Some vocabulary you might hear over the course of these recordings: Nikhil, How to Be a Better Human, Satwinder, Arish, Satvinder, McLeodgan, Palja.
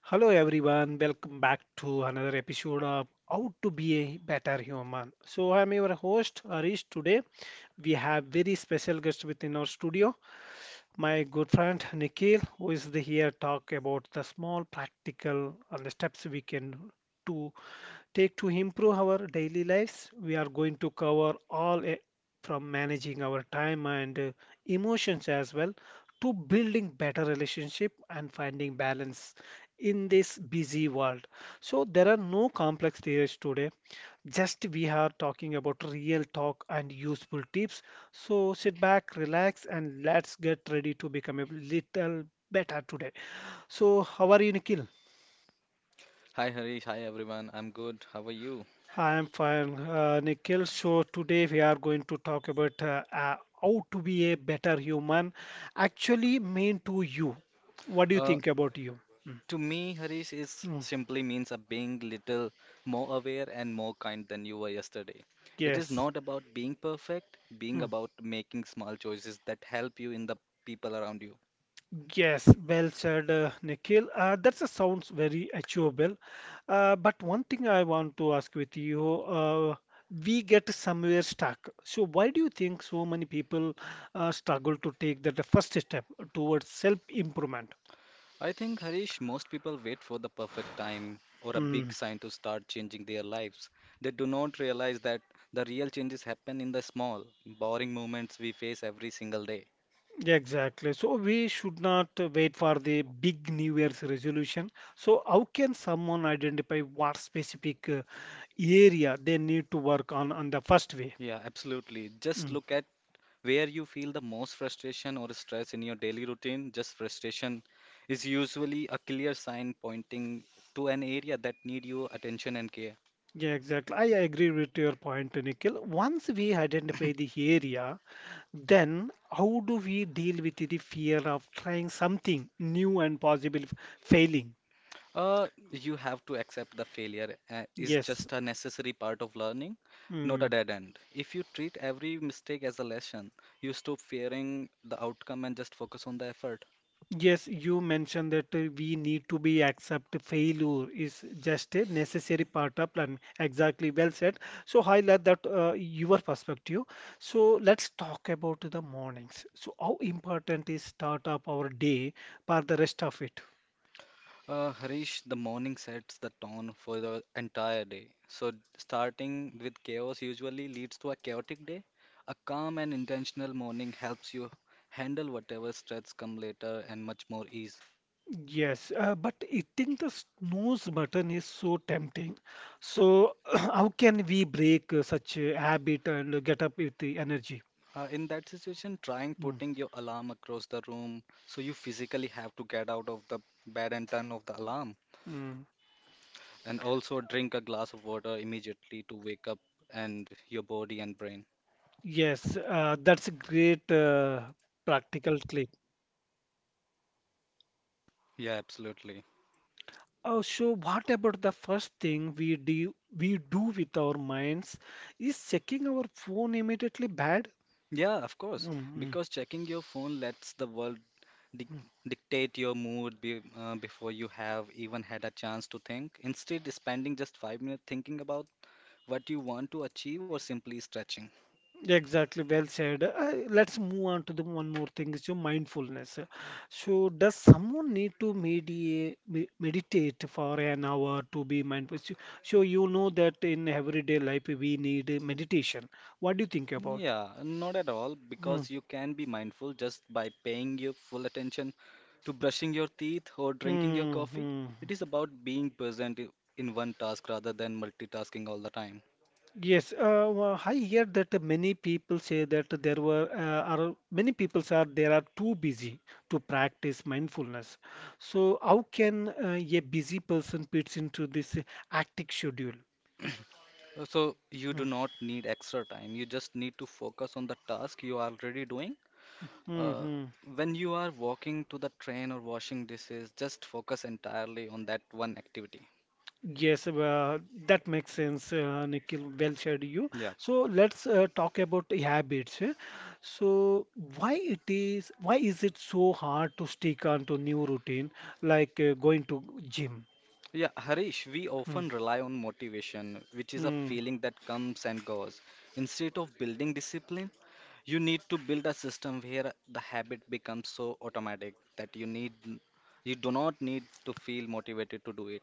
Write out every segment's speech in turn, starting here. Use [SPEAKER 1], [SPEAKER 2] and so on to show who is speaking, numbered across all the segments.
[SPEAKER 1] Hello everyone, welcome back to another episode of How to Be a Better Human. So I'm your host Arish. Today we have very special guest within our studio, my good friend Nikhil, who is the here talk about the small practical and the steps we can do take to improve our daily lives. We are going to cover all from managing our time and emotions as well to building better relationship and finding balance in this busy world. So there are no complex theories today. Just we are talking about real talk and useful tips. So sit back, relax and let's get ready to become a little better today. So how are you, Nikhil?
[SPEAKER 2] Hi Harish, hi everyone. I'm good. How are you?
[SPEAKER 1] Hi, I'm fine, Nikhil. So today we are going to talk about how to be a better human, actually mean to you. What do you
[SPEAKER 2] Uh,
[SPEAKER 1] think about you? Mm,
[SPEAKER 2] to me, Harish is
[SPEAKER 1] mm,
[SPEAKER 2] simply means a being little more aware and more kind than you were yesterday. It is
[SPEAKER 1] yes.
[SPEAKER 2] not about being perfect, being
[SPEAKER 1] Mm,
[SPEAKER 2] about making small choices that help you in the people around you.
[SPEAKER 1] yes, well said, Nikhil. That sounds very achievable. But one thing I want to ask with you, we get somewhere stuck. So why do you think so many people struggle to take that first step towards self-improvement?
[SPEAKER 2] I think Harish, most people wait for the perfect time or a big
[SPEAKER 1] Hmm.
[SPEAKER 2] sign to start changing their lives. They do not realize that the real changes happen in the small, boring moments we face every single day.
[SPEAKER 1] Yeah, exactly. So we should not wait for the big New Year's resolution. So how can someone identify what specific area they need to work on the first way?
[SPEAKER 2] Yeah, absolutely. Just
[SPEAKER 1] Mm.
[SPEAKER 2] look at where you feel the most frustration or stress in your daily routine, just frustration is usually a clear sign pointing to an area that need your attention and care.
[SPEAKER 1] Yeah, exactly. I agree with your point, Nikhil. Once we identify the area, then how do we deal with the fear of trying something new and possible failing?
[SPEAKER 2] You have to accept the failure is
[SPEAKER 1] Yes.
[SPEAKER 2] just a necessary part of learning, not a
[SPEAKER 1] Mm.
[SPEAKER 2] dead end. If you treat every mistake as a lesson, you stop fearing the outcome and just focus on the effort.
[SPEAKER 1] Yes, you mentioned that we need to be accept failure is just a necessary part of plan. Exactly, well said. So highlight that your perspective. So let's talk about the mornings. So how important is start up our day for the rest of it?
[SPEAKER 2] Harish, the morning sets the tone for the entire day. So, starting with chaos usually leads to a chaotic day. A calm and intentional morning helps you handle whatever stress come later and much more ease.
[SPEAKER 1] Yes, but hitting the snooze button is so tempting. So how can we break such a habit and get up with the energy?
[SPEAKER 2] In that situation, trying
[SPEAKER 1] Mm,
[SPEAKER 2] putting your alarm across the room so you physically have to get out of the bed and turn off the alarm.
[SPEAKER 1] mm.
[SPEAKER 2] And also drink a glass of water immediately to wake up and your body and brain.
[SPEAKER 1] Yes, that's a great practical clip.
[SPEAKER 2] Yeah, absolutely.
[SPEAKER 1] Oh, so what about the first thing we do with our minds? Is checking our phone immediately bad?
[SPEAKER 2] Yeah, of
[SPEAKER 1] Mm,
[SPEAKER 2] course,
[SPEAKER 1] mm,
[SPEAKER 2] because checking your phone lets the world dic
[SPEAKER 1] mm.
[SPEAKER 2] dictate your mood be before you have even had a chance to think. Instead, spending just 5 minutes thinking about what you want to achieve or simply stretching.
[SPEAKER 1] Exactly, well said. Let's move on to the one more thing, is your mindfulness. So, does someone need to meditate for an hour to be mindful? So you know that in everyday life we need meditation. What do you think about?
[SPEAKER 2] Yeah, not at all,
[SPEAKER 1] Hmm.
[SPEAKER 2] because you can be mindful just by paying your full attention to brushing your teeth or drinking your
[SPEAKER 1] Hmm.
[SPEAKER 2] coffee.
[SPEAKER 1] Hmm.
[SPEAKER 2] It is about being present in one task rather than multitasking all the time.
[SPEAKER 1] Yes, well, I hear that many people say that there were are many people are they are too busy to practice mindfulness. So how can a busy person fits into this hectic schedule?
[SPEAKER 2] So you do not need extra time. You just need to focus on the task you are already doing. Uh,
[SPEAKER 1] Mm-hmm.
[SPEAKER 2] when you are walking to the train or washing dishes, just focus entirely on that one activity.
[SPEAKER 1] Yes, that makes sense, Nikhil. Well said, you.
[SPEAKER 2] Yeah.
[SPEAKER 1] So let's talk about the habits. Eh. So why is it so hard to stick onto new routine like going to gym?
[SPEAKER 2] Yeah, Harish, we often rely on motivation, which is a
[SPEAKER 1] Mm-hmm.
[SPEAKER 2] feeling that comes and goes. Instead of building discipline, you need to build a system where the habit becomes so automatic that you do not need to feel motivated to do it.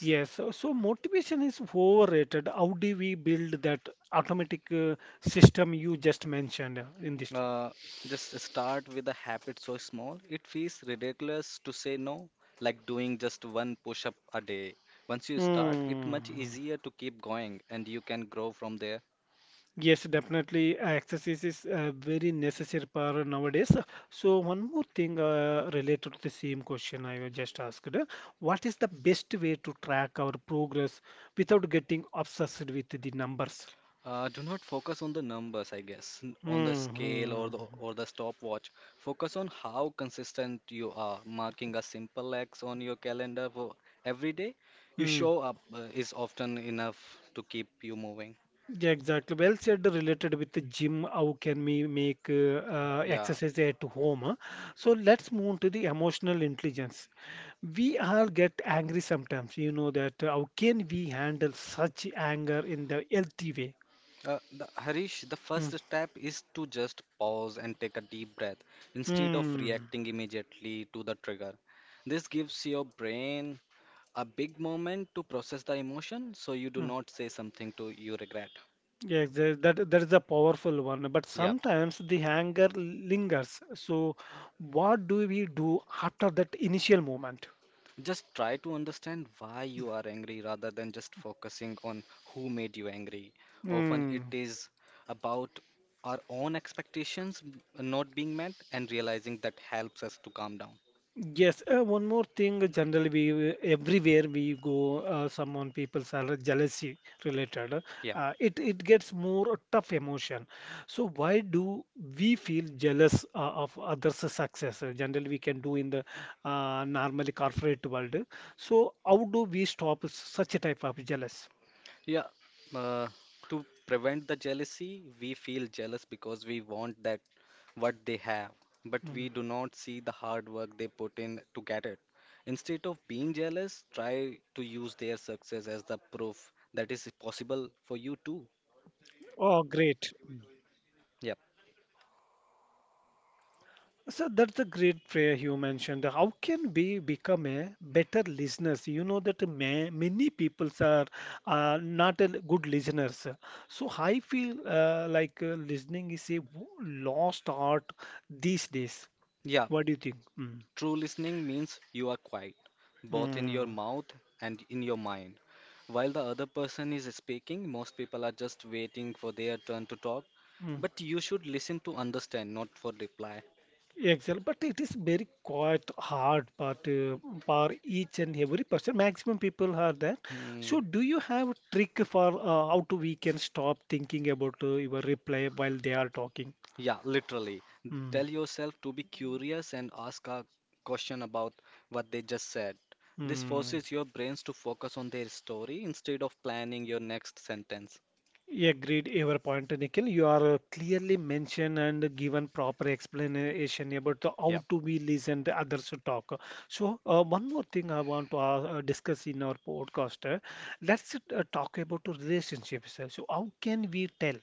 [SPEAKER 1] Yes, so motivation is overrated. How do we build that automatic system you just mentioned in this?
[SPEAKER 2] Uh, just start with a habit so small, it feels ridiculous to say no, like doing just one push-up a day. Once you start, it's
[SPEAKER 1] Hmm.
[SPEAKER 2] much easier to keep going and you can grow from there.
[SPEAKER 1] Yes, definitely. Exercise is very necessary for nowadays. So one more thing related to the same question I was just asked. What is the best way to track our progress without getting obsessed with the numbers?
[SPEAKER 2] Do not focus on the numbers, I guess, on the scale or
[SPEAKER 1] Hmm.
[SPEAKER 2] the stopwatch. Focus on how consistent you are. Marking a simple X on your calendar for every day you
[SPEAKER 1] Hmm.
[SPEAKER 2] show up is often enough to keep you moving.
[SPEAKER 1] Yeah, exactly. Well said, related with the gym, how can we make
[SPEAKER 2] Yeah.
[SPEAKER 1] exercise at home? Huh? So let's move on to the emotional intelligence. We all get angry sometimes, you know that. How can we handle such anger in the healthy way?
[SPEAKER 2] Harish, the
[SPEAKER 1] Mm.
[SPEAKER 2] first step is to just pause and take a deep breath instead of
[SPEAKER 1] Mm.
[SPEAKER 2] reacting immediately to the trigger. This gives your brain a big moment to process the emotion so you do
[SPEAKER 1] Mm.
[SPEAKER 2] not say something to you regret.
[SPEAKER 1] Yes, that is a powerful one. But
[SPEAKER 2] Yeah.
[SPEAKER 1] sometimes the anger lingers. So what do we do after that initial moment?
[SPEAKER 2] Just try to understand why you are angry rather than just focusing on who made you angry. Often it
[SPEAKER 1] Mm.
[SPEAKER 2] is about our own expectations not being met and realizing that helps us to calm down.
[SPEAKER 1] Yes, one more thing. Generally, we everywhere we go, someone people's are jealousy related.
[SPEAKER 2] Yeah.
[SPEAKER 1] It gets more tough emotion. So why do we feel jealous of others' success? Generally, we can do in the normally corporate world. So how do we stop such a type of jealous?
[SPEAKER 2] Yeah, uh, to prevent the jealousy, we feel jealous because we want that what they have, but
[SPEAKER 1] Mm.
[SPEAKER 2] we do not see the hard work they put in to get it. Instead of being jealous, try to use their success as the proof that is possible for you too.
[SPEAKER 1] Oh, great.
[SPEAKER 2] Yeah,
[SPEAKER 1] So that's a great prayer you mentioned. How can we become a better listeners? You know that ma many people are not a good listeners. So I feel like listening is a lost art these days.
[SPEAKER 2] yeah.
[SPEAKER 1] What do you think?
[SPEAKER 2] True listening means you are quiet, both in your
[SPEAKER 1] Mm.
[SPEAKER 2] mouth and in your mind. While the other person is speaking, most people are just waiting for their turn to talk.
[SPEAKER 1] Mm.
[SPEAKER 2] But you should listen to understand, not for reply.
[SPEAKER 1] Excel, but it is very quite hard part for each and every person. Maximum people are there.
[SPEAKER 2] Hmm.
[SPEAKER 1] So, do you have a trick for how to we can stop thinking about your reply while they are talking?
[SPEAKER 2] Yeah, literally. Tell yourself to be curious and ask a question about what they just said. This
[SPEAKER 1] Mm.
[SPEAKER 2] forces your brains to focus on their story instead of planning your next sentence.
[SPEAKER 1] Yeah, agreed your point, Nikhil. You are clearly mentioned and given proper explanation about the
[SPEAKER 2] Yeah.
[SPEAKER 1] how to be listen the others to talk. So one more thing I want to discuss in our podcast. Let's talk about the relationships. So how can we tell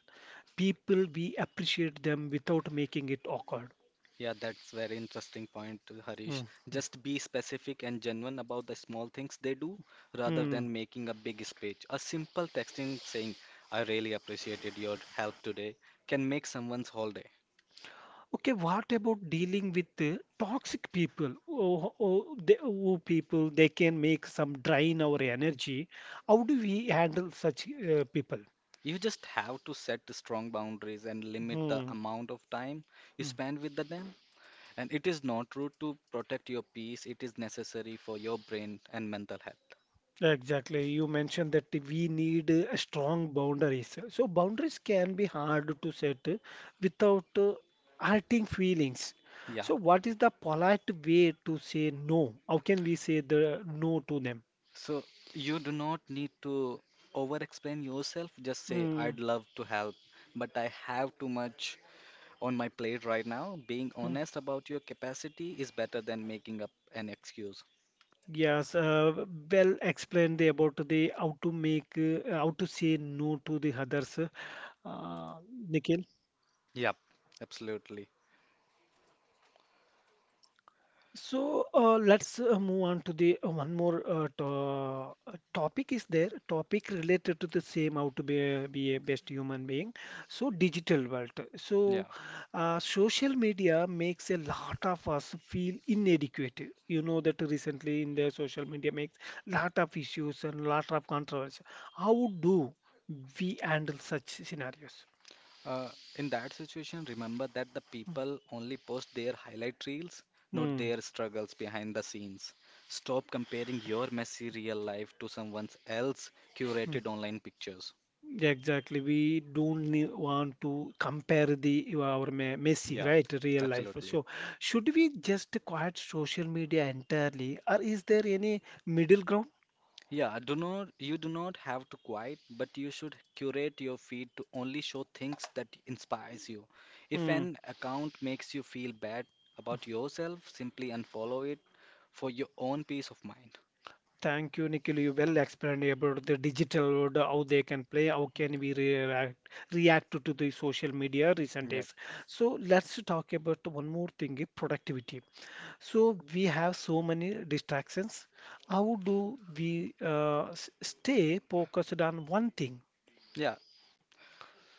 [SPEAKER 1] people we appreciate them without making it awkward?
[SPEAKER 2] Yeah, that's very interesting point, Harish.
[SPEAKER 1] Mm.
[SPEAKER 2] Just be specific and genuine about the small things they do rather
[SPEAKER 1] Mm.
[SPEAKER 2] than making a big speech. A simple texting saying, I really appreciated your help today, can make someone's whole day.
[SPEAKER 1] Okay, what about dealing with the toxic people? People, they can make some drain our energy. How do we handle such people?
[SPEAKER 2] You just have to set the strong boundaries and limit the
[SPEAKER 1] Hmm.
[SPEAKER 2] amount of time you
[SPEAKER 1] Hmm.
[SPEAKER 2] spend with the them. And it is not rude to protect your peace, it is necessary for your brain and mental health.
[SPEAKER 1] Exactly. You mentioned that we need strong boundaries. So boundaries can be hard to set without hurting feelings.
[SPEAKER 2] Yeah,
[SPEAKER 1] So what is the polite way to say no? How can we say the no to them?
[SPEAKER 2] so you do not need to over explain yourself. Just say,
[SPEAKER 1] Hmm.
[SPEAKER 2] I'd love to help, but I have too much on my plate right now. Being
[SPEAKER 1] Hmm.
[SPEAKER 2] honest about your capacity is better than making up an excuse.
[SPEAKER 1] Yes, well explained about the how to make how to say no to the others, uh, Nikhil.
[SPEAKER 2] Yep. Absolutely.
[SPEAKER 1] So let's move on to the one more to topic is there, topic related to the same how to be a best human being. So digital world. So
[SPEAKER 2] Yeah.
[SPEAKER 1] social media makes a lot of us feel inadequate. You know that recently in the social media makes lot of issues and lot of controversy. How do we handle such scenarios?
[SPEAKER 2] Uh, in that situation, remember that the people only post their highlight reels, not
[SPEAKER 1] Hmm.
[SPEAKER 2] their struggles behind the scenes. Stop comparing your messy real life to someone else's
[SPEAKER 1] Hmm.
[SPEAKER 2] curated online pictures.
[SPEAKER 1] Yeah, exactly. We don't want to compare the our Messi,
[SPEAKER 2] Yeah,
[SPEAKER 1] right? Real life.
[SPEAKER 2] absolutely.
[SPEAKER 1] So, should we just quiet social media entirely, or is there any middle ground?
[SPEAKER 2] Yeah, do not have to quiet, but you should curate your feed to only show things that inspires you. If
[SPEAKER 1] Hmm.
[SPEAKER 2] an account makes you feel bad about yourself, simply unfollow it for your own peace of mind.
[SPEAKER 1] Thank you, Nikhil. You well explained about the digital world, how they can play, how can we react to the social media recent
[SPEAKER 2] Yep.
[SPEAKER 1] days. So, let's talk about one more thing, productivity. So we have so many distractions. How do we stay focused on one thing?
[SPEAKER 2] Yeah,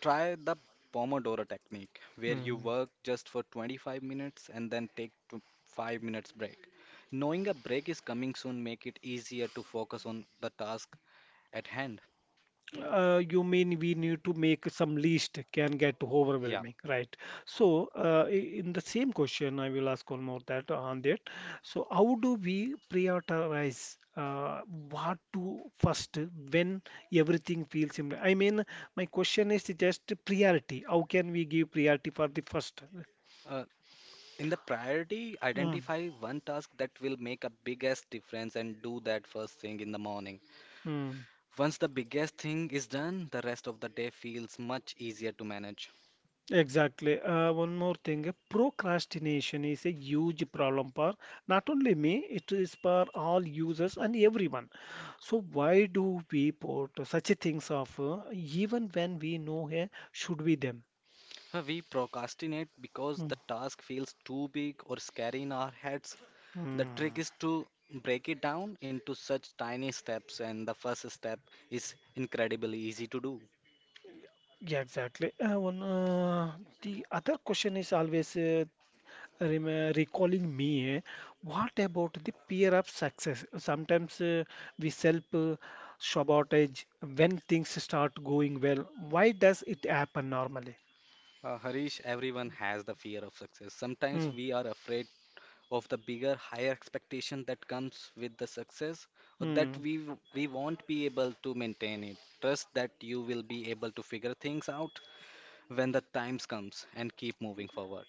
[SPEAKER 2] try the Pomodoro technique where you
[SPEAKER 1] Mm.
[SPEAKER 2] work just for 25 minutes and then take tw 5 minutes break. Knowing a break is coming soon make it easier to focus on the task at hand.
[SPEAKER 1] You mean we need to make some list can get
[SPEAKER 2] Yeah.
[SPEAKER 1] overwhelming, right? So in the same question, I will ask one more that on that. So how do we prioritize what to first when everything feels similar? I mean, my question is just priority. How can we give priority for the first?
[SPEAKER 2] Uh, In the priority,
[SPEAKER 1] Mm,
[SPEAKER 2] identify one task that will make a biggest difference and do that first thing in the morning.
[SPEAKER 1] mm.
[SPEAKER 2] Once the biggest thing is done, the rest of the day feels much easier to manage.
[SPEAKER 1] Exactly. One more thing, procrastination is a huge problem for not only me, it is for all users and everyone. So why do we put such a things off, even when we know here should be them?
[SPEAKER 2] We procrastinate because
[SPEAKER 1] Hmm.
[SPEAKER 2] the task feels too big or scary in our heads. The trick
[SPEAKER 1] Hmm.
[SPEAKER 2] is to break it down into such tiny steps, and the first step is incredibly easy to do.
[SPEAKER 1] Yeah, exactly. The other question is always recalling me, what about the peer of success? Sometimes we self sabotage when things start going well. Why does it happen normally?
[SPEAKER 2] Harish, everyone has the fear of success.
[SPEAKER 1] Hmm.
[SPEAKER 2] Sometimes we are afraid of the bigger, higher expectation that comes with the success, or that
[SPEAKER 1] Hmm.
[SPEAKER 2] we won't be able to maintain it. Trust that you will be able to figure things out when the times comes and keep moving forward.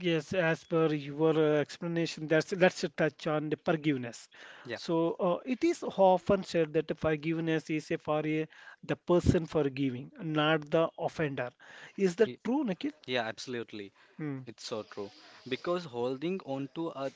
[SPEAKER 1] Yes, as per your explanation, that's let's touch on the forgiveness.
[SPEAKER 2] Yeah,
[SPEAKER 1] So it is often said that the forgiveness is a for a, the person forgiving, not the offender. Is that
[SPEAKER 2] Y-
[SPEAKER 1] true, Nikhil?
[SPEAKER 2] yeah, absolutely.
[SPEAKER 1] Hmm.
[SPEAKER 2] It's so true. Because holding on to a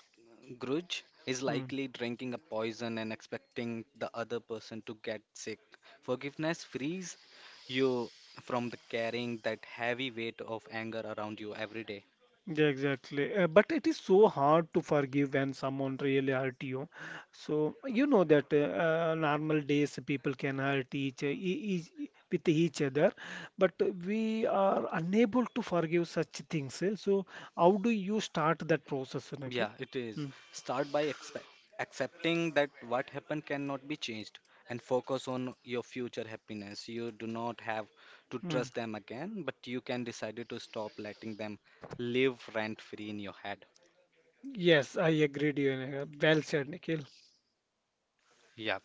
[SPEAKER 2] grudge is
[SPEAKER 1] Hmm.
[SPEAKER 2] likely drinking a poison and expecting the other person to get sick. Forgiveness frees you from the carrying that heavy weight of anger around you every day.
[SPEAKER 1] Yeah, exactly. But it is so hard to forgive when someone really hurt you. So you know that normal days people can hurt each with each other, but we are unable to forgive such things. Eh. So how do you start that process, Nikhil?
[SPEAKER 2] Yeah, it is.
[SPEAKER 1] Mm,
[SPEAKER 2] Start by accepting that what happened cannot be changed and focus on your future happiness. You do not have to
[SPEAKER 1] mm.
[SPEAKER 2] trust them again, but you can decide to stop letting them live rent free in your head.
[SPEAKER 1] Yes, I agreed. Well said, Nikhil.
[SPEAKER 2] Yeah.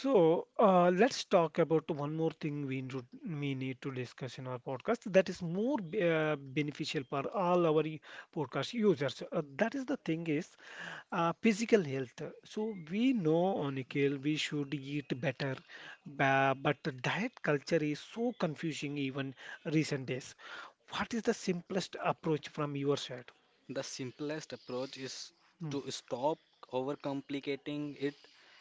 [SPEAKER 1] So let's talk about one more thing we need to discuss in our podcast that is more beneficial for all our podcast users. That is the thing is physical health. So we know, Nikhil, we should eat better, but the diet culture is so confusing even recent days. What is the simplest approach from your side?
[SPEAKER 2] The simplest approach is
[SPEAKER 1] Mm,
[SPEAKER 2] to stop overcomplicating it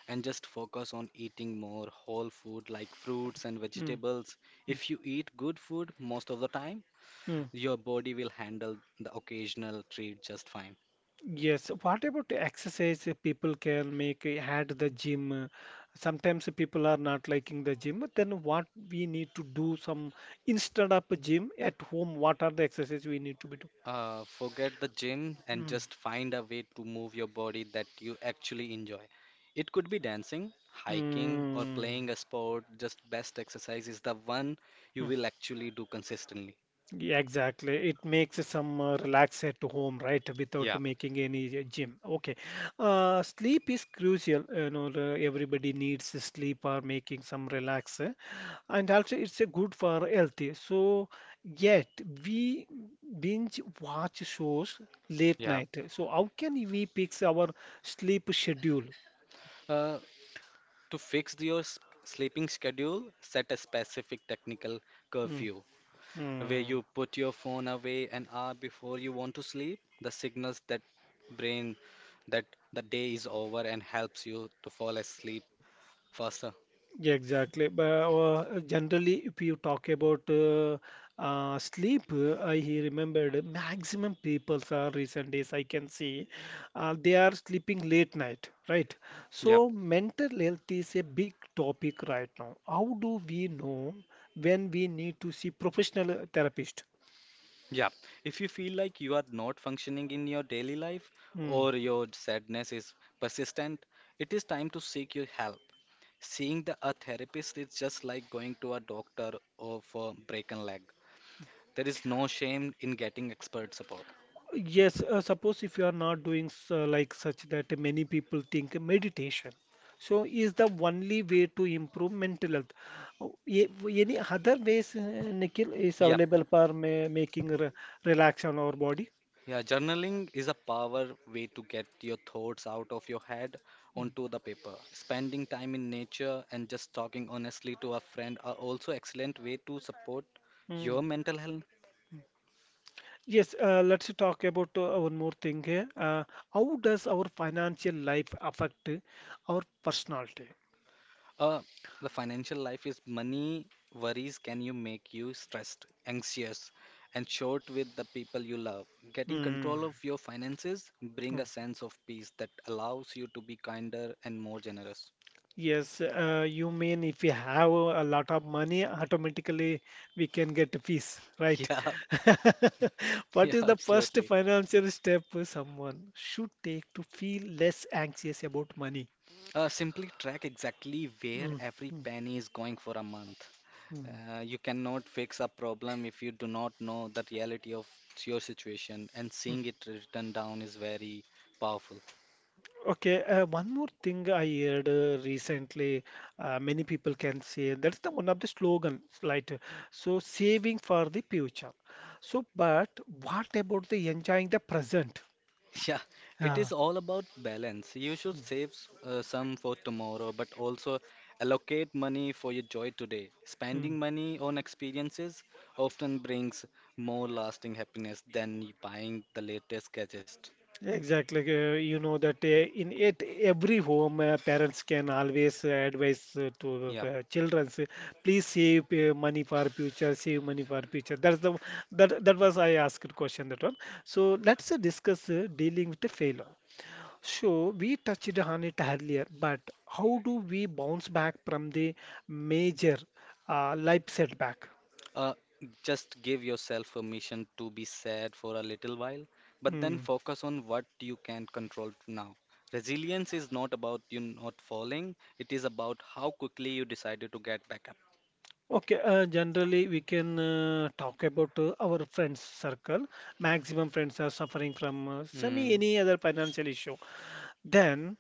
[SPEAKER 2] and just focus on eating more whole food like fruits and
[SPEAKER 1] mm,
[SPEAKER 2] vegetables.
[SPEAKER 1] mm,
[SPEAKER 2] If you eat good food most of the time,
[SPEAKER 1] mm.
[SPEAKER 2] your body will handle the occasional treat just fine.
[SPEAKER 1] Yes, what about the exercise people can make at the gym? Sometimes people are not liking the gym, then what we need to do some instead of a gym at home, what are the exercise we need to be do?
[SPEAKER 2] Forget the gym and
[SPEAKER 1] Mm.
[SPEAKER 2] just find a way to move your body that you actually enjoy. It could be dancing, hiking, or
[SPEAKER 1] Mm.
[SPEAKER 2] playing a sport. Just best exercise is the one you
[SPEAKER 1] Mm.
[SPEAKER 2] will actually do consistently.
[SPEAKER 1] Yeah, exactly. It makes some relax at home, right? Without
[SPEAKER 2] Yeah,
[SPEAKER 1] making any gym. Okay. Sleep is crucial. Everybody needs sleep or making some relax, and also it's a good for healthy. So yet we binge watch shows late
[SPEAKER 2] yeah,
[SPEAKER 1] night. So how can we fix our sleep schedule?
[SPEAKER 2] Uh, to fix sleeping schedule, set a specific technical
[SPEAKER 1] Mm,
[SPEAKER 2] curfew, where
[SPEAKER 1] mm.
[SPEAKER 2] you put your phone away an hour before you want to sleep, the signals that brain that the day is over and helps you to fall asleep faster.
[SPEAKER 1] Yeah, exactly. But generally, if you talk about sleep, I he remembered maximum people are recent days I can see they are sleeping late night, right?
[SPEAKER 2] Yeah,
[SPEAKER 1] So mental health is a big topic right now. How do we know when we need to see professional therapist?
[SPEAKER 2] yeah. If you feel like you are not functioning in your daily life
[SPEAKER 1] Hmm.
[SPEAKER 2] or your sadness is persistent, it is time to seek your help. Seeing a therapist is just like going to a doctor or for broken leg. There is no shame in getting expert support.
[SPEAKER 1] Yes, suppose if you are not doing like such that many people think meditation. So is the only way to improve mental health. Oh, ye- Any other ways, Nikhil, is
[SPEAKER 2] Yeah.
[SPEAKER 1] available for making re relax on our body?
[SPEAKER 2] Yeah, journaling is a power way to get your thoughts out of your head
[SPEAKER 1] Mm.
[SPEAKER 2] onto the paper. Spending time in nature and just talking honestly to a friend are also excellent way to support
[SPEAKER 1] Mm.
[SPEAKER 2] your mental health.
[SPEAKER 1] Yes, let's talk about one more thing here. How does our financial life affect our personality?
[SPEAKER 2] Uh, the financial life is money worries can you make you stressed, anxious, and short with the people you love. Getting
[SPEAKER 1] Hmm.
[SPEAKER 2] control of your finances bring a sense of peace that allows you to be kinder and more generous.
[SPEAKER 1] Yes, you mean if we have a lot of money, automatically we can get fees, right?
[SPEAKER 2] Yeah,
[SPEAKER 1] What
[SPEAKER 2] yeah,
[SPEAKER 1] is the first
[SPEAKER 2] absolutely.
[SPEAKER 1] financial step someone should take to feel less anxious about money?
[SPEAKER 2] Simply track exactly where
[SPEAKER 1] Mm,
[SPEAKER 2] every
[SPEAKER 1] mm,
[SPEAKER 2] penny is going for a month.
[SPEAKER 1] mm,
[SPEAKER 2] You cannot fix a problem if you do not know the reality of your situation, and
[SPEAKER 1] mm.
[SPEAKER 2] seeing it written down is very powerful.
[SPEAKER 1] Okay, one more thing I heard recently, many people can say that's the one of the slogans, right? So saving for the future. So, but what about the enjoying the present?
[SPEAKER 2] Yeah, it
[SPEAKER 1] Yeah.
[SPEAKER 2] is all about balance. You should save some for tomorrow, but also allocate money for your joy today. Spending money on experiences often brings more lasting happiness than buying the latest gadget.
[SPEAKER 1] Exactly. You know that in it every home, parents can always advise to
[SPEAKER 2] Yeah.
[SPEAKER 1] children, please save money for future, save money for future. That's the that was I asked question that one. So let's discuss dealing with the failure. So we touched on it earlier, but how do we bounce back from the major life setback?
[SPEAKER 2] Uh, just give yourself permission to be sad for a little while, but then
[SPEAKER 1] Hmm.
[SPEAKER 2] focus on what you can control now. Resilience is not about you not falling, it is about how quickly you decided to get back up.
[SPEAKER 1] Okay, generally we can talk about our friends circle. Maximum friends are suffering from semi
[SPEAKER 2] Mm,
[SPEAKER 1] any other financial issue. Then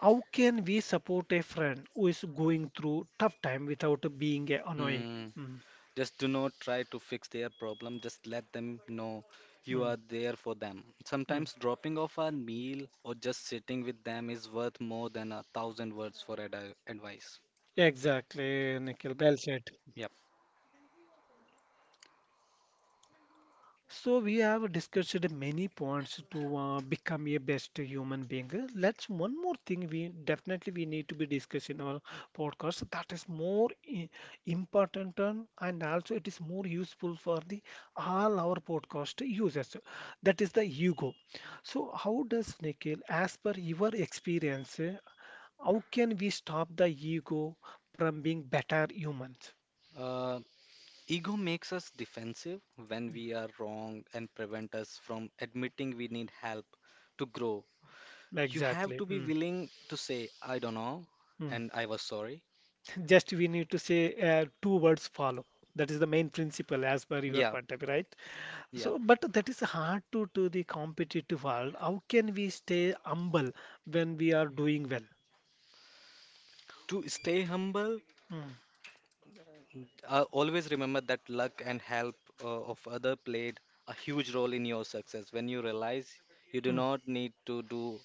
[SPEAKER 1] how can we support a friend who is going through tough time without being annoying?
[SPEAKER 2] mm.
[SPEAKER 1] Mm,
[SPEAKER 2] Just do not try to fix their problem, just let them know you
[SPEAKER 1] mm,
[SPEAKER 2] are there for them.
[SPEAKER 1] mm.
[SPEAKER 2] Sometimes dropping off a meal or just sitting with them is worth more than a thousand words for ad advice.
[SPEAKER 1] Exactly, Nikhil. Well said.
[SPEAKER 2] Yep.
[SPEAKER 1] So we have discussed many points to become a best human being. Let's one more thing we definitely we need to be discussing in our podcast that is more important and also it is more useful for the all our podcast users. That is the ego. So how does Nikhil, as per your experience, how can we stop the ego from being better humans?
[SPEAKER 2] Uh, Ego makes us defensive when we are wrong and prevent us from admitting we need help to grow. You have
[SPEAKER 1] Exactly.
[SPEAKER 2] to be
[SPEAKER 1] Mm,
[SPEAKER 2] willing to say, I don't know,
[SPEAKER 1] mm.
[SPEAKER 2] and I was sorry.
[SPEAKER 1] Just we need to say two words follow, that is the main principle as per your
[SPEAKER 2] Yeah,
[SPEAKER 1] point of view, right?
[SPEAKER 2] yeah.
[SPEAKER 1] So but that is hard to the competitive world, how can we stay humble when we are doing well?
[SPEAKER 2] To stay humble,
[SPEAKER 1] Mm,
[SPEAKER 2] always remember that luck and help of other played a huge role in your success. When you realize you do
[SPEAKER 1] mm.
[SPEAKER 2] not need to do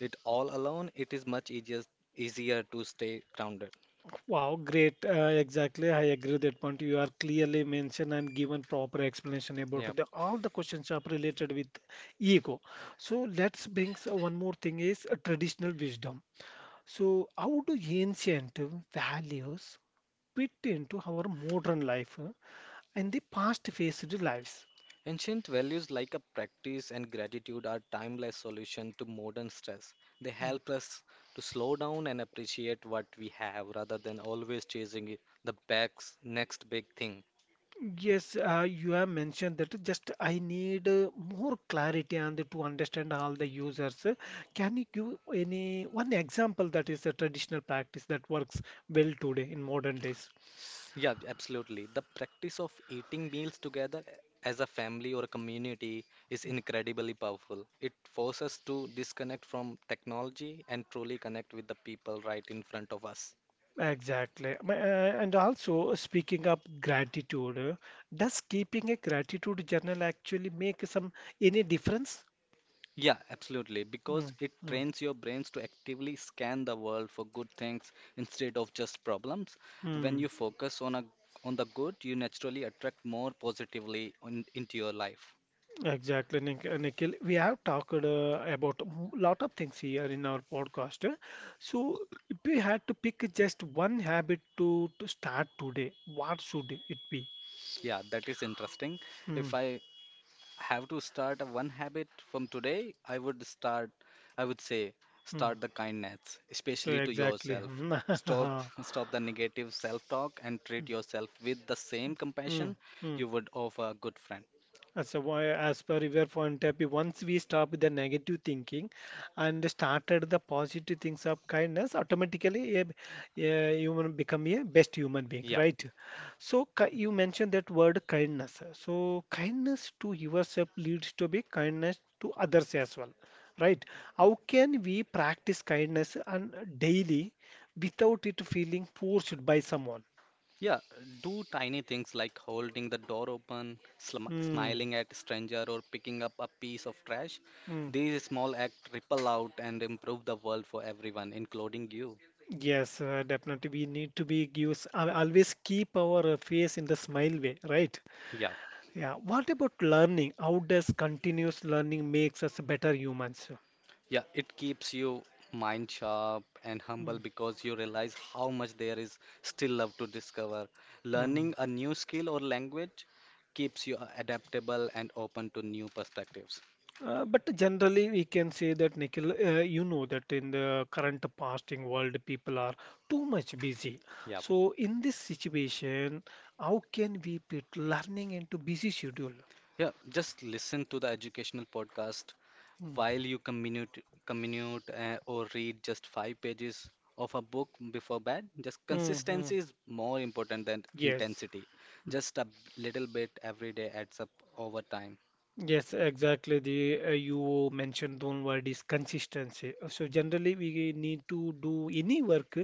[SPEAKER 2] it all alone, it is much easier to stay grounded.
[SPEAKER 1] Wow, great. Exactly. I agree with that point. You are clearly mentioned and given proper explanation
[SPEAKER 2] Yeah.
[SPEAKER 1] about the all the questions are related with ego. So let's bring one more thing is traditional wisdom. So how do ancient values fit into our modern life and the past faced lives.
[SPEAKER 2] Ancient values like a practice and gratitude are timeless solution to modern stress. They
[SPEAKER 1] Mm.
[SPEAKER 2] help us to slow down and appreciate what we have rather than always chasing the back's next big thing.
[SPEAKER 1] Yes, you have mentioned that just I need more clarity and to understand all the users. Can you give any one example that is a traditional practice that works well today in modern days?
[SPEAKER 2] Yeah, absolutely. The practice of eating meals together as a family or a community is incredibly powerful. It forces us to disconnect from technology and truly connect with the people right in front of us.
[SPEAKER 1] Exactly. And also, speaking of gratitude, does keeping a gratitude journal actually make some any difference?
[SPEAKER 2] Yeah, absolutely.
[SPEAKER 1] Mm,
[SPEAKER 2] Because it
[SPEAKER 1] mm,
[SPEAKER 2] trains your brains to actively scan the world for good things instead of just problems. When
[SPEAKER 1] mm.
[SPEAKER 2] you focus on the good, you naturally attract more positively on, into your life.
[SPEAKER 1] Exactly, Nikhil. We have talked about a lot of things here in our podcast. So, if we had to pick just one habit to start today, what should it be?
[SPEAKER 2] Yeah, that is interesting.
[SPEAKER 1] Hmm.
[SPEAKER 2] If I have to start a one habit from today, I would say,
[SPEAKER 1] Hmm.
[SPEAKER 2] start the kindness,
[SPEAKER 1] So
[SPEAKER 2] especially to
[SPEAKER 1] exactly.
[SPEAKER 2] yourself. Stop,
[SPEAKER 1] Hmm.
[SPEAKER 2] stop the negative self-talk and treat yourself with the same
[SPEAKER 1] Hmm.
[SPEAKER 2] compassion
[SPEAKER 1] Hmm.
[SPEAKER 2] you would offer a good friend.
[SPEAKER 1] So, why- as per your point, Happy, once we stop the negative thinking and started the positive things of kindness, automatically a human become a best human being,
[SPEAKER 2] Yeah.
[SPEAKER 1] right? So, you mentioned that word kindness. So, kindness to yourself leads to be kindness to others as well, right? How can we practice kindness on daily without it feeling forced by someone?
[SPEAKER 2] Yeah, do tiny things like holding the door open, sm
[SPEAKER 1] Mm,
[SPEAKER 2] smiling at stranger, or picking up a piece of trash.
[SPEAKER 1] mm.
[SPEAKER 2] These small acts ripple out and improve the world for everyone, including you.
[SPEAKER 1] Yes, definitely. We need to be use always keep our face in the smile way, right?
[SPEAKER 2] Yeah,
[SPEAKER 1] Yeah. What about learning? How does continuous learning makes us better humans?
[SPEAKER 2] yeah, it keeps you mind sharp and humble
[SPEAKER 1] Mm,
[SPEAKER 2] because you realize how much there is still love to discover.
[SPEAKER 1] mm.
[SPEAKER 2] Learning a new skill or language keeps you adaptable and open to new perspectives.
[SPEAKER 1] But generally, we can say that Nikhil, you know that in the current fasting world, people are too much busy.
[SPEAKER 2] Yeah.
[SPEAKER 1] So in this situation, how can we put learning into busy schedule?
[SPEAKER 2] Yeah, just listen to the educational podcast
[SPEAKER 1] Mm,
[SPEAKER 2] while you commute or read just five pages of a book before bed. Just
[SPEAKER 1] mm, mm.
[SPEAKER 2] consistency is more important than
[SPEAKER 1] Yes.
[SPEAKER 2] intensity. Just a little bit every day adds up over time.
[SPEAKER 1] Yes, exactly. The you mentioned one word is consistency. So generally, we need to do any work.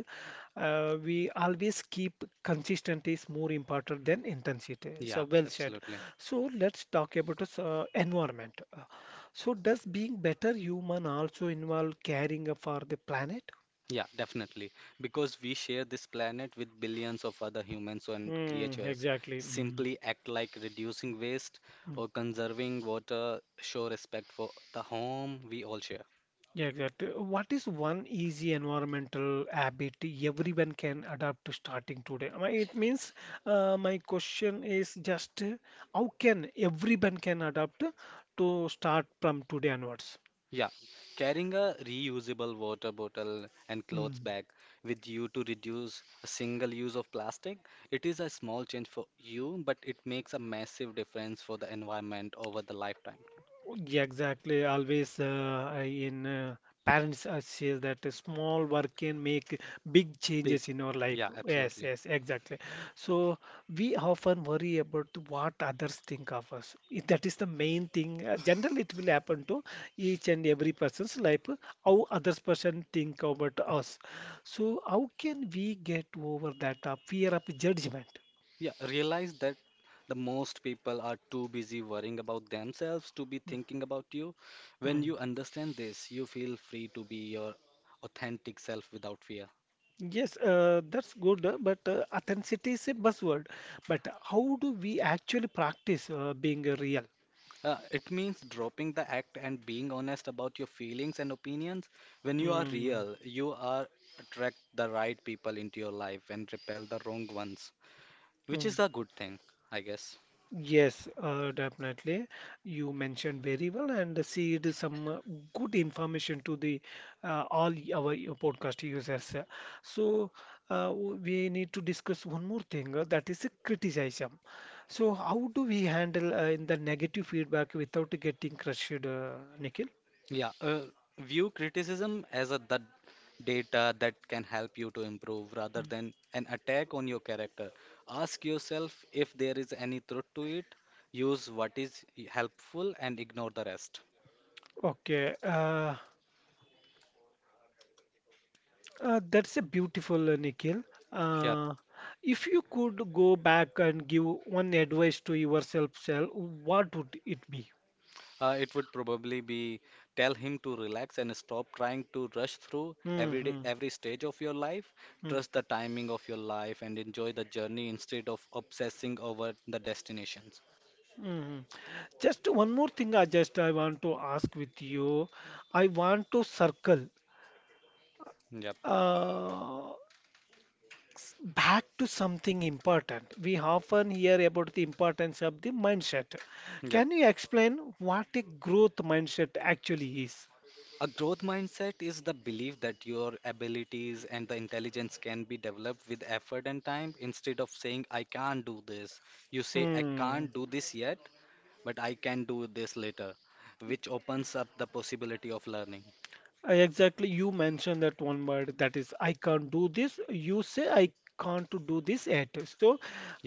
[SPEAKER 1] We always keep consistent is more important than intensity.
[SPEAKER 2] Yeah,
[SPEAKER 1] So well said.
[SPEAKER 2] absolutely.
[SPEAKER 1] So let's talk about us, so environment. So does being better human also involve caring for the planet?
[SPEAKER 2] Yeah, definitely. Because we share this planet with billions of other humans and
[SPEAKER 1] Hmm,
[SPEAKER 2] creatures.
[SPEAKER 1] exactly. Mm,
[SPEAKER 2] Simply act like reducing waste
[SPEAKER 1] mm.
[SPEAKER 2] or conserving water show respect for the home we all share.
[SPEAKER 1] Yeah, exactly. What is one easy environmental habit everyone can adapt to starting today? I mean, it means my question is just how can everyone can adapt to start from today onwards?
[SPEAKER 2] Yeah, carrying a reusable water bottle and clothes
[SPEAKER 1] Hmm.
[SPEAKER 2] bag with you to reduce a single use of plastic, it is a small change for you, but it makes a massive difference for the environment over the lifetime.
[SPEAKER 1] Yeah, exactly. Always I- in parents says that a small work can make big
[SPEAKER 2] Big.
[SPEAKER 1] changes in our life.
[SPEAKER 2] Yeah,
[SPEAKER 1] Yes,
[SPEAKER 2] absolutely.
[SPEAKER 1] yes, exactly. So we often worry about what others think of us. If that is the main thing. Generally, it will happen to each and every person's life. How others person think about us. So how can we get over that fear of judgment?
[SPEAKER 2] Yeah, realize that the most people are too busy worrying about themselves to be
[SPEAKER 1] Mm,
[SPEAKER 2] thinking about you. When
[SPEAKER 1] mm.
[SPEAKER 2] you understand this, you feel free to be your authentic self without fear.
[SPEAKER 1] Yes, that's good, but authenticity is a buzzword. But how do we actually practice being real?
[SPEAKER 2] It means dropping the act and being honest about your feelings and opinions. When you are
[SPEAKER 1] Mm,
[SPEAKER 2] real, you are attract the right people into your life and repel the wrong ones, which
[SPEAKER 1] mm.
[SPEAKER 2] is a good thing, I guess.
[SPEAKER 1] Yes, definitely. You mentioned very well and shared some good information to the our podcast users. So we need to discuss one more thing, that is criticism. So how do we handle in the negative feedback without getting crushed, Nikhil?
[SPEAKER 2] Yeah, view criticism as a the data that can help you to improve rather than an attack on your character. Ask yourself if there is any truth to it. Use what is helpful and ignore the rest.
[SPEAKER 1] Okay, that's a beautiful Nikhil.
[SPEAKER 2] Yeah.
[SPEAKER 1] Uh, if you could go back and give one advice to yourself, self, what would it be?
[SPEAKER 2] It would probably be tell him to relax and stop trying to rush through every day,
[SPEAKER 1] Hmm.
[SPEAKER 2] every stage of your life. Trust the timing of your life and enjoy the journey instead of obsessing over the destinations.
[SPEAKER 1] Mm-hmm. Just one more thing. I want to ask with you. I want to circle
[SPEAKER 2] Yep,
[SPEAKER 1] uh, back to something important. We often hear about the importance of the mindset.
[SPEAKER 2] yep.
[SPEAKER 1] Can you explain what a growth mindset actually is?
[SPEAKER 2] A growth mindset is the belief that your abilities and the intelligence can be developed with effort and time. Instead of saying, I can't do this, you say, I
[SPEAKER 1] Hmm.
[SPEAKER 2] can't do this yet, but I can do this later, which opens up the possibility of learning.
[SPEAKER 1] Exactly, you mentioned that one word that is I can't do this. You say I can't to do this yet. So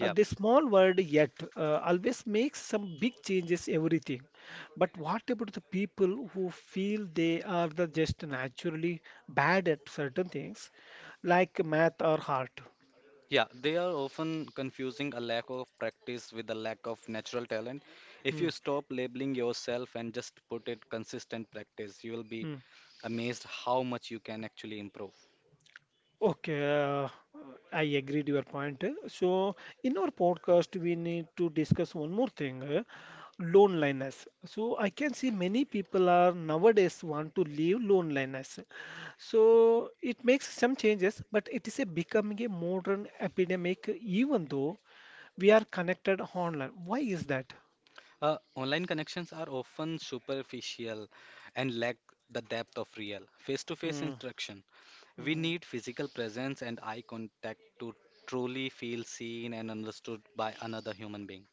[SPEAKER 1] the small word yet always makes some big changes everything. But what about the people who feel they are the just naturally bad at certain things like math or art?
[SPEAKER 2] Yeah, they are often confusing a lack of practice with a lack of natural talent. If
[SPEAKER 1] Mm,
[SPEAKER 2] you stop labeling yourself and just put it consistent practice, you will be
[SPEAKER 1] mm.
[SPEAKER 2] amazed how much you can actually improve.
[SPEAKER 1] Okay, I agree to your point. So, in our podcast, we need to discuss one more thing, loneliness. So, I can see many people are nowadays want to leave loneliness. So, it makes some changes, but it is a becoming a modern epidemic, even though we are connected online. Why is that?
[SPEAKER 2] Online connections are often superficial and lack the depth of real face-to-face
[SPEAKER 1] Hmm,
[SPEAKER 2] instruction. We
[SPEAKER 1] hmm.
[SPEAKER 2] need physical presence and eye contact to truly feel seen and understood by another human being.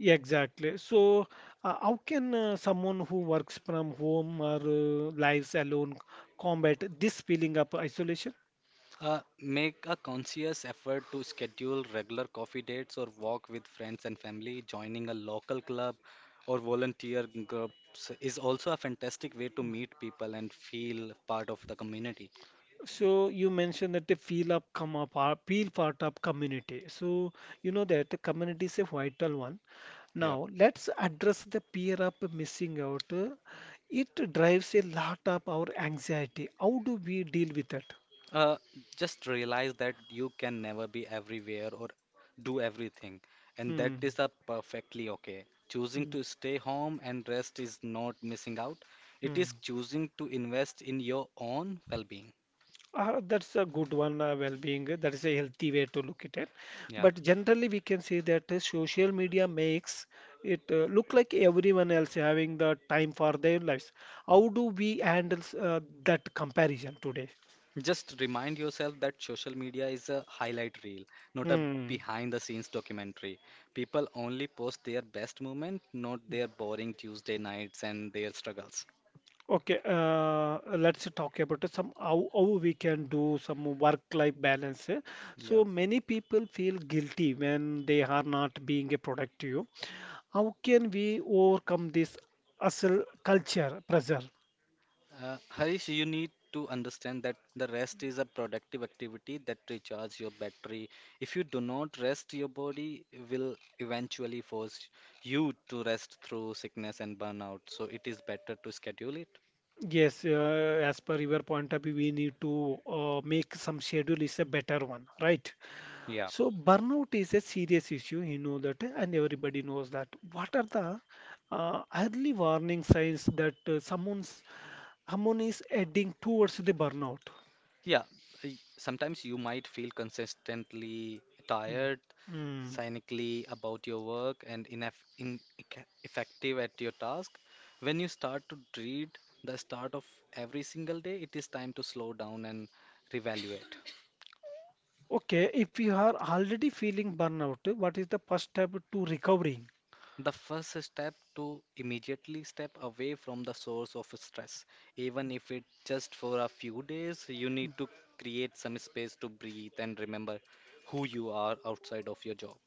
[SPEAKER 1] Yeah, exactly. So, how can someone who works from home or lives alone combat this feeling of isolation?
[SPEAKER 2] Make a conscious effort to schedule regular coffee dates or walk with friends and family. Joining a local club or volunteer groups is also a fantastic way to meet people and feel part of the community.
[SPEAKER 1] So, you mentioned that they feel up, come up, or feel part of community. So, you know that the community is a vital one.
[SPEAKER 2] Yep.
[SPEAKER 1] Now, let's address the fear of missing out. It drives a lot of our anxiety. How do we deal with that?
[SPEAKER 2] Uh, just realize that you can never be everywhere or do everything, and that
[SPEAKER 1] Hmm.
[SPEAKER 2] is a perfectly okay. Choosing
[SPEAKER 1] Hmm.
[SPEAKER 2] to stay home and rest is not missing out. It is
[SPEAKER 1] Hmm.
[SPEAKER 2] choosing to invest in your own well-being.
[SPEAKER 1] That's a good one, well-being. Uh, that is a healthy way to look at it.
[SPEAKER 2] Yeah.
[SPEAKER 1] But generally, we can say that social media makes it look like everyone else having the time for their lives. How do we handle that comparison today?
[SPEAKER 2] Just remind yourself that social media is a highlight reel, not a
[SPEAKER 1] Hmm.
[SPEAKER 2] behind the scenes documentary. People only post their best moment, not their boring Tuesday nights and their struggles.
[SPEAKER 1] Okay, let's talk about some how we can do some work-life balance. Uh,
[SPEAKER 2] Yeah.
[SPEAKER 1] so many people feel guilty when they are not being a productive. How can we overcome this hustle culture pressure?
[SPEAKER 2] Harish, you need to understand that the rest is a productive activity that recharges your battery. If you do not rest, your body will eventually force you to rest through sickness and burnout. So it is better to schedule it.
[SPEAKER 1] Yes, as per your point of view, we need to make some schedule is a better one, right?
[SPEAKER 2] Yeah.
[SPEAKER 1] So burnout is a serious issue, you know that, and everybody knows that. What are the early warning signs that someone is heading towards the burnout?
[SPEAKER 2] Yeah, sometimes you might feel consistently
[SPEAKER 1] Mm.
[SPEAKER 2] tired,
[SPEAKER 1] Mm.
[SPEAKER 2] cynically about your work, and at your task. When you start to dread the start of every single day, it is time to slow down and reevaluate.
[SPEAKER 1] Okay, if you are already feeling burnout, what is the first step to recovering?
[SPEAKER 2] The first step to immediately step away from the source of stress, even if it just for a few days, you need to create some space to breathe and remember who you are outside of your job.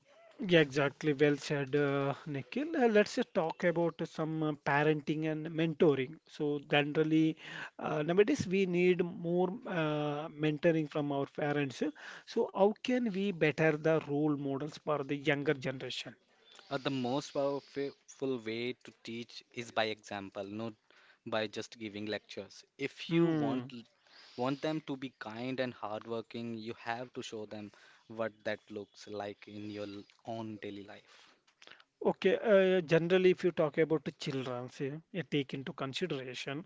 [SPEAKER 1] Yeah, exactly. Well said, Nikhil. Let's just talk about some parenting and mentoring. So, generally, nowadays we need more mentoring from our parents. So, how can we better the role models for the younger generation?
[SPEAKER 2] The most powerful way to teach is by example, not by just giving lectures. If you
[SPEAKER 1] Hmm.
[SPEAKER 2] want them to be kind and hardworking, you have to show them what that looks like in your own daily life.
[SPEAKER 1] Okay, generally, if you talk about the children, say, take into
[SPEAKER 2] Yeah,
[SPEAKER 1] consideration,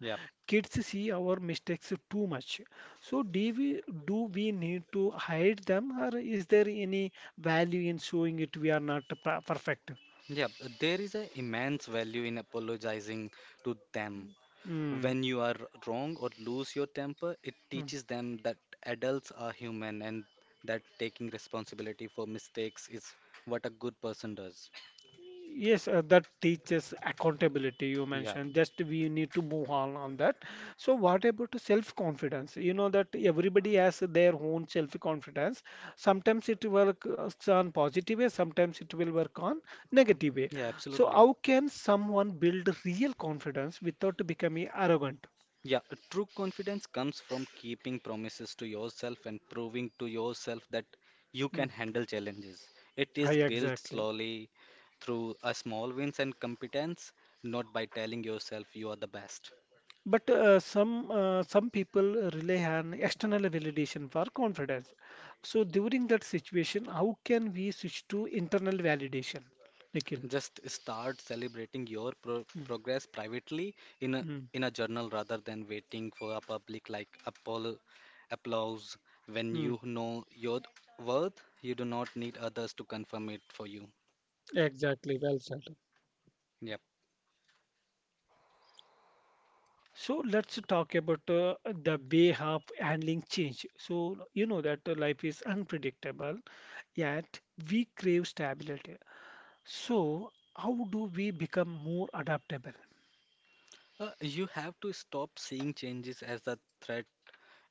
[SPEAKER 1] kids see our mistakes too much. So, do we need to hide them, or is there any value in showing it we are not perfect?
[SPEAKER 2] yeah. There is an immense value in apologizing to them.
[SPEAKER 1] Mm.
[SPEAKER 2] When you are wrong or lose your temper, it teaches them that adults are human and that taking responsibility for mistakes is what a good person does.
[SPEAKER 1] Yes, that teaches accountability you
[SPEAKER 2] Yeah,
[SPEAKER 1] mentioned. Just we need to move on that. So what about self-confidence? You know that everybody has their own self-confidence. Sometimes it works on positive way, sometimes it will work on negative way.
[SPEAKER 2] yeah,
[SPEAKER 1] So
[SPEAKER 2] absolutely.
[SPEAKER 1] how can someone build real confidence without becoming arrogant?
[SPEAKER 2] Yeah, a true confidence comes from keeping promises to yourself and proving to yourself that you can
[SPEAKER 1] Mm.
[SPEAKER 2] handle challenges. It
[SPEAKER 1] Hi,
[SPEAKER 2] is built
[SPEAKER 1] exactly.
[SPEAKER 2] slowly through a small wins and competence, not by telling yourself you are the best.
[SPEAKER 1] But some people rely on external validation for confidence. So during that situation, how can we switch to internal validation, Nikhil?
[SPEAKER 2] Just start celebrating your pro
[SPEAKER 1] Mm,
[SPEAKER 2] progress privately in a
[SPEAKER 1] mm,
[SPEAKER 2] in a journal rather than waiting for a public like apollo applause. When
[SPEAKER 1] mm.
[SPEAKER 2] you know your worth, you do not need others to confirm it for you.
[SPEAKER 1] Exactly, well said.
[SPEAKER 2] Yep.
[SPEAKER 1] So let's talk about the way of handling change. So you know that life is unpredictable, yet we crave stability. So how do we become more adaptable?
[SPEAKER 2] You have to stop seeing changes as a threat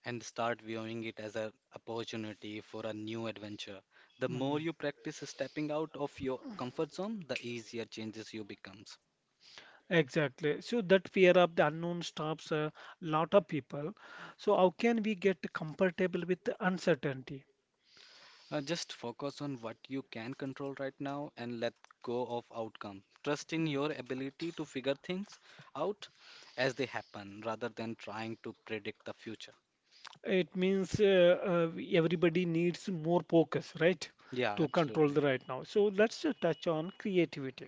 [SPEAKER 2] and start viewing it as an opportunity for a new adventure. The more
[SPEAKER 1] Hmm.
[SPEAKER 2] you practice stepping out of your comfort zone, the easier changes you becomes.
[SPEAKER 1] Exactly. So that fear of the unknown stops a lot of people. So how can we get comfortable with the uncertainty?
[SPEAKER 2] Just focus on what you can control right now and let go of outcome. Trust in
[SPEAKER 1] Mm.
[SPEAKER 2] your ability to figure things out as they happen rather than trying to predict the future.
[SPEAKER 1] It means everybody needs more focus, right,
[SPEAKER 2] Yeah,
[SPEAKER 1] to control the
[SPEAKER 2] absolutely.
[SPEAKER 1] right now. So let's touch on creativity.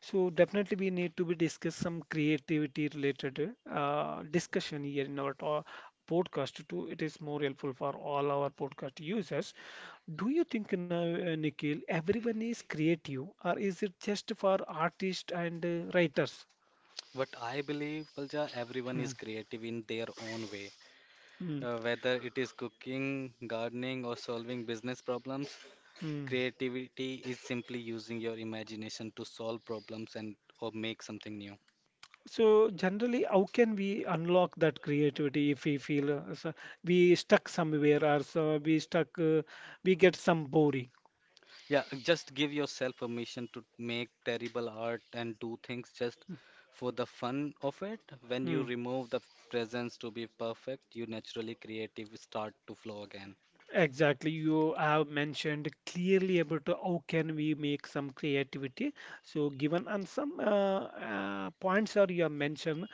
[SPEAKER 1] So definitely we need to be discuss some creativity related discussion here in our podcast too. It is more helpful for all our podcast users. Do you think now, Nikhil, everyone is creative or is it just for artists and writers?
[SPEAKER 2] What I believe, Palja, everyone is
[SPEAKER 1] Mm,
[SPEAKER 2] creative in their own way.
[SPEAKER 1] mm,
[SPEAKER 2] Whether it is cooking, gardening, or solving business problems,
[SPEAKER 1] mm.
[SPEAKER 2] creativity is simply using your imagination to solve problems and or make something new.
[SPEAKER 1] So generally, how can we unlock that creativity if we feel so we stuck somewhere or so we stuck, we get some boring?
[SPEAKER 2] Yeah, just give yourself permission to make terrible art and do things just for the fun of it. When you
[SPEAKER 1] Hmm.
[SPEAKER 2] remove the presence to be perfect, you naturally creative start to flow again.
[SPEAKER 1] Exactly, you have mentioned clearly about how can we make some creativity. So given on some points are you have mentioned,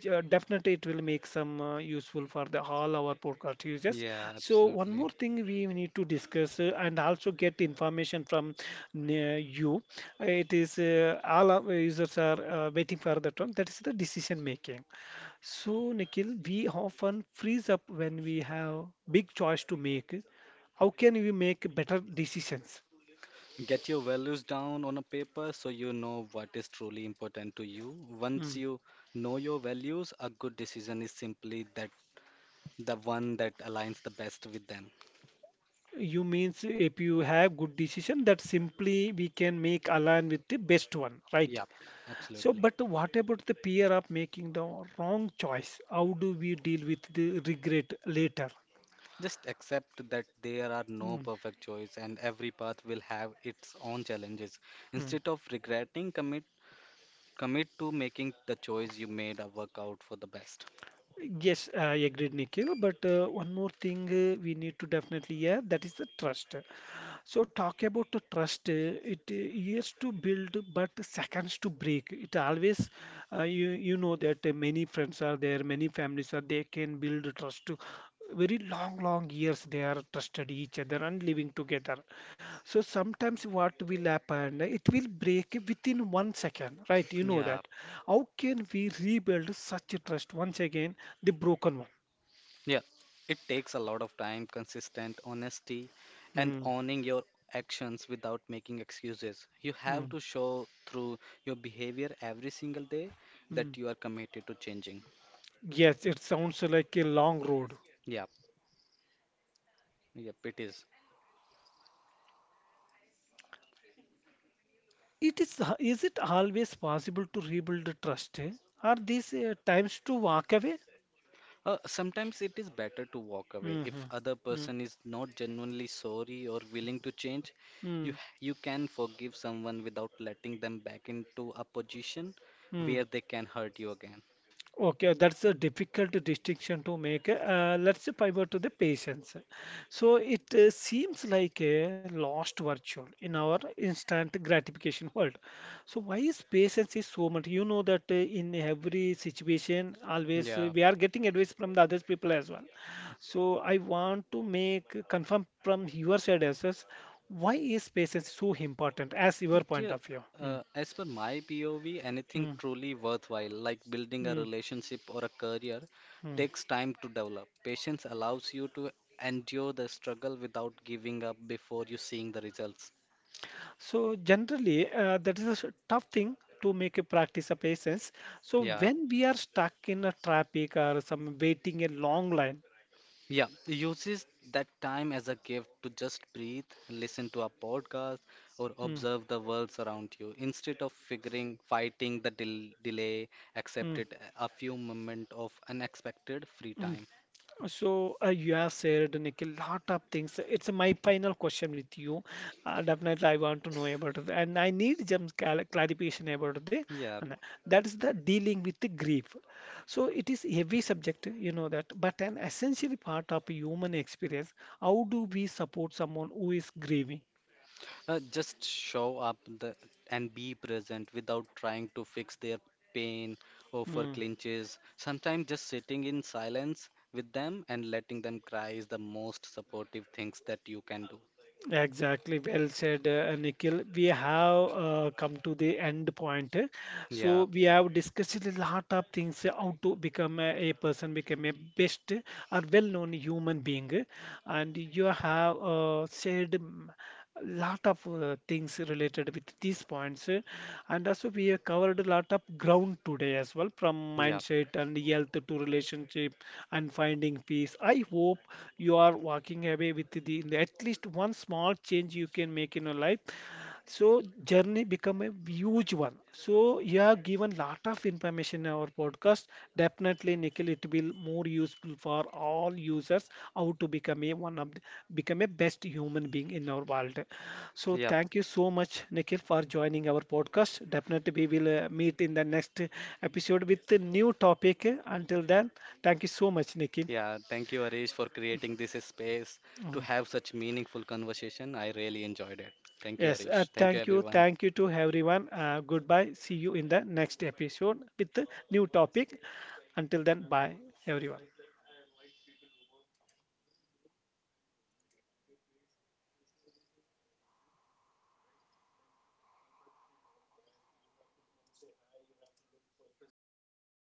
[SPEAKER 1] definitely it will make some useful for the all our podcast users.
[SPEAKER 2] Yeah,
[SPEAKER 1] So one
[SPEAKER 2] absolutely.
[SPEAKER 1] more thing we need to discuss and also get information from you. It is all our users are waiting for that one. That is the decision making. So Nikhil, we often freeze up when we have big choice to make, how can you make better decisions?
[SPEAKER 2] Get your values down on a paper so you know what is truly important to you.
[SPEAKER 1] Mm.
[SPEAKER 2] Once you know your values, a good decision is simply that the one that aligns the best with them.
[SPEAKER 1] You means if you have good decision that simply we can make align with the best one, right?
[SPEAKER 2] Yeah,
[SPEAKER 1] So
[SPEAKER 2] absolutely.
[SPEAKER 1] but what about the fear of making the wrong choice? How do we deal with the regret later?
[SPEAKER 2] Just accept that there are no
[SPEAKER 1] Mm,
[SPEAKER 2] perfect choice and every path will have its own challenges.
[SPEAKER 1] mm.
[SPEAKER 2] Instead of regretting, commit to making the choice you made a work out for the best.
[SPEAKER 1] Yes, I agreed, Nikhil. But one more thing we need to definitely, yeah, that is the trust. So talk about the trust. It years to build, but seconds to break. It always, you know that many friends are there, many families are. They can build trust to very long, long years. They are trusted each other and living together. So sometimes what will happen? It will break within 1 second, right? You know
[SPEAKER 2] Yeah.
[SPEAKER 1] that. How can we rebuild such a trust once again? The broken one.
[SPEAKER 2] Yeah, it takes a lot of time, consistent honesty, and
[SPEAKER 1] Hmm.
[SPEAKER 2] owning your actions without making excuses. You
[SPEAKER 1] Hmm.
[SPEAKER 2] have to show through your behavior every single day
[SPEAKER 1] Hmm.
[SPEAKER 2] that you are committed to changing.
[SPEAKER 1] Yes, it sounds like a long road.
[SPEAKER 2] Yeah, yep, it is.
[SPEAKER 1] It is it always possible to rebuild the trust? Eh? Are these times to walk away?
[SPEAKER 2] Sometimes it is better to walk away if other
[SPEAKER 1] Mm-hmm.
[SPEAKER 2] person is not genuinely sorry or willing to change. You you can forgive someone without letting them back into a position
[SPEAKER 1] Mm-hmm.
[SPEAKER 2] where they can hurt you again.
[SPEAKER 1] Okay, that's a difficult distinction to make. Let's pivot to the patience. So it seems like a lost virtue in our instant gratification world. So why is patience is so much? You know that in every situation, always
[SPEAKER 2] Yeah.
[SPEAKER 1] we are getting advice from the other people as well. So I want to make confirm from your side as well. Why is patience so important as your point
[SPEAKER 2] Yeah,
[SPEAKER 1] of view? Mm,
[SPEAKER 2] as per my POV, anything
[SPEAKER 1] mm,
[SPEAKER 2] truly worthwhile, like building a
[SPEAKER 1] mm,
[SPEAKER 2] relationship or a career,
[SPEAKER 1] mm.
[SPEAKER 2] takes time to develop. Patience allows you to endure the struggle without giving up before you seeing the results.
[SPEAKER 1] So generally, that is a tough thing to make a practice of patience. So
[SPEAKER 2] Yeah.
[SPEAKER 1] when we are stuck in a traffic or some waiting a long line,
[SPEAKER 2] Yeah, uses that time as a gift to just breathe, listen to a podcast, or
[SPEAKER 1] mm,
[SPEAKER 2] observe the world around you. Instead of fighting the delay, accept
[SPEAKER 1] mm,
[SPEAKER 2] it a few moment of unexpected free
[SPEAKER 1] mm,
[SPEAKER 2] time.
[SPEAKER 1] so you have shared Nick, a lot of things. It's my final question with you. Definitely, I want to know about it, and I need some clarification about the,
[SPEAKER 2] Yeah,
[SPEAKER 1] and that is the dealing with the grief. So it is heavy subject, you know that, but an essential part of human experience. How do we support someone who is grieving?
[SPEAKER 2] just show up the, and be present without trying to fix their pain or for
[SPEAKER 1] Hmm.
[SPEAKER 2] clinches. Sometimes just sitting in silence with them and letting them cry is the most supportive things that you can do.
[SPEAKER 1] Exactly, well said, Nikhil. We have come to the end point. So
[SPEAKER 2] Yeah,
[SPEAKER 1] we have discussed a lot of things how to become a person, become a best or well-known human being, and you have said lot of things related with these points. And also, we have covered a lot of ground today as well, from
[SPEAKER 2] yeah,
[SPEAKER 1] mindset and health to relationship and finding peace. I hope you are walking away with the at least one small change you can make in your life. So journey become a huge one. So you have given lot of information in our podcast. Definitely, Nikhil, it will more useful for all users how to become a one of the, become a best human being in our world. So
[SPEAKER 2] yeah,
[SPEAKER 1] thank you so much, Nikhil, for joining our podcast. Definitely, we will meet in the next episode with a new topic. Until then, thank you so much, Nikhil.
[SPEAKER 2] yeah. Thank you, Arish, for creating this space to
[SPEAKER 1] Mhm.
[SPEAKER 2] have such meaningful conversation. I really enjoyed it. Thank you,
[SPEAKER 1] Yes,
[SPEAKER 2] Arish. Thank you, everyone.
[SPEAKER 1] thank you to everyone. Goodbye. See you in the next episode with a new topic. Until then, bye, everyone.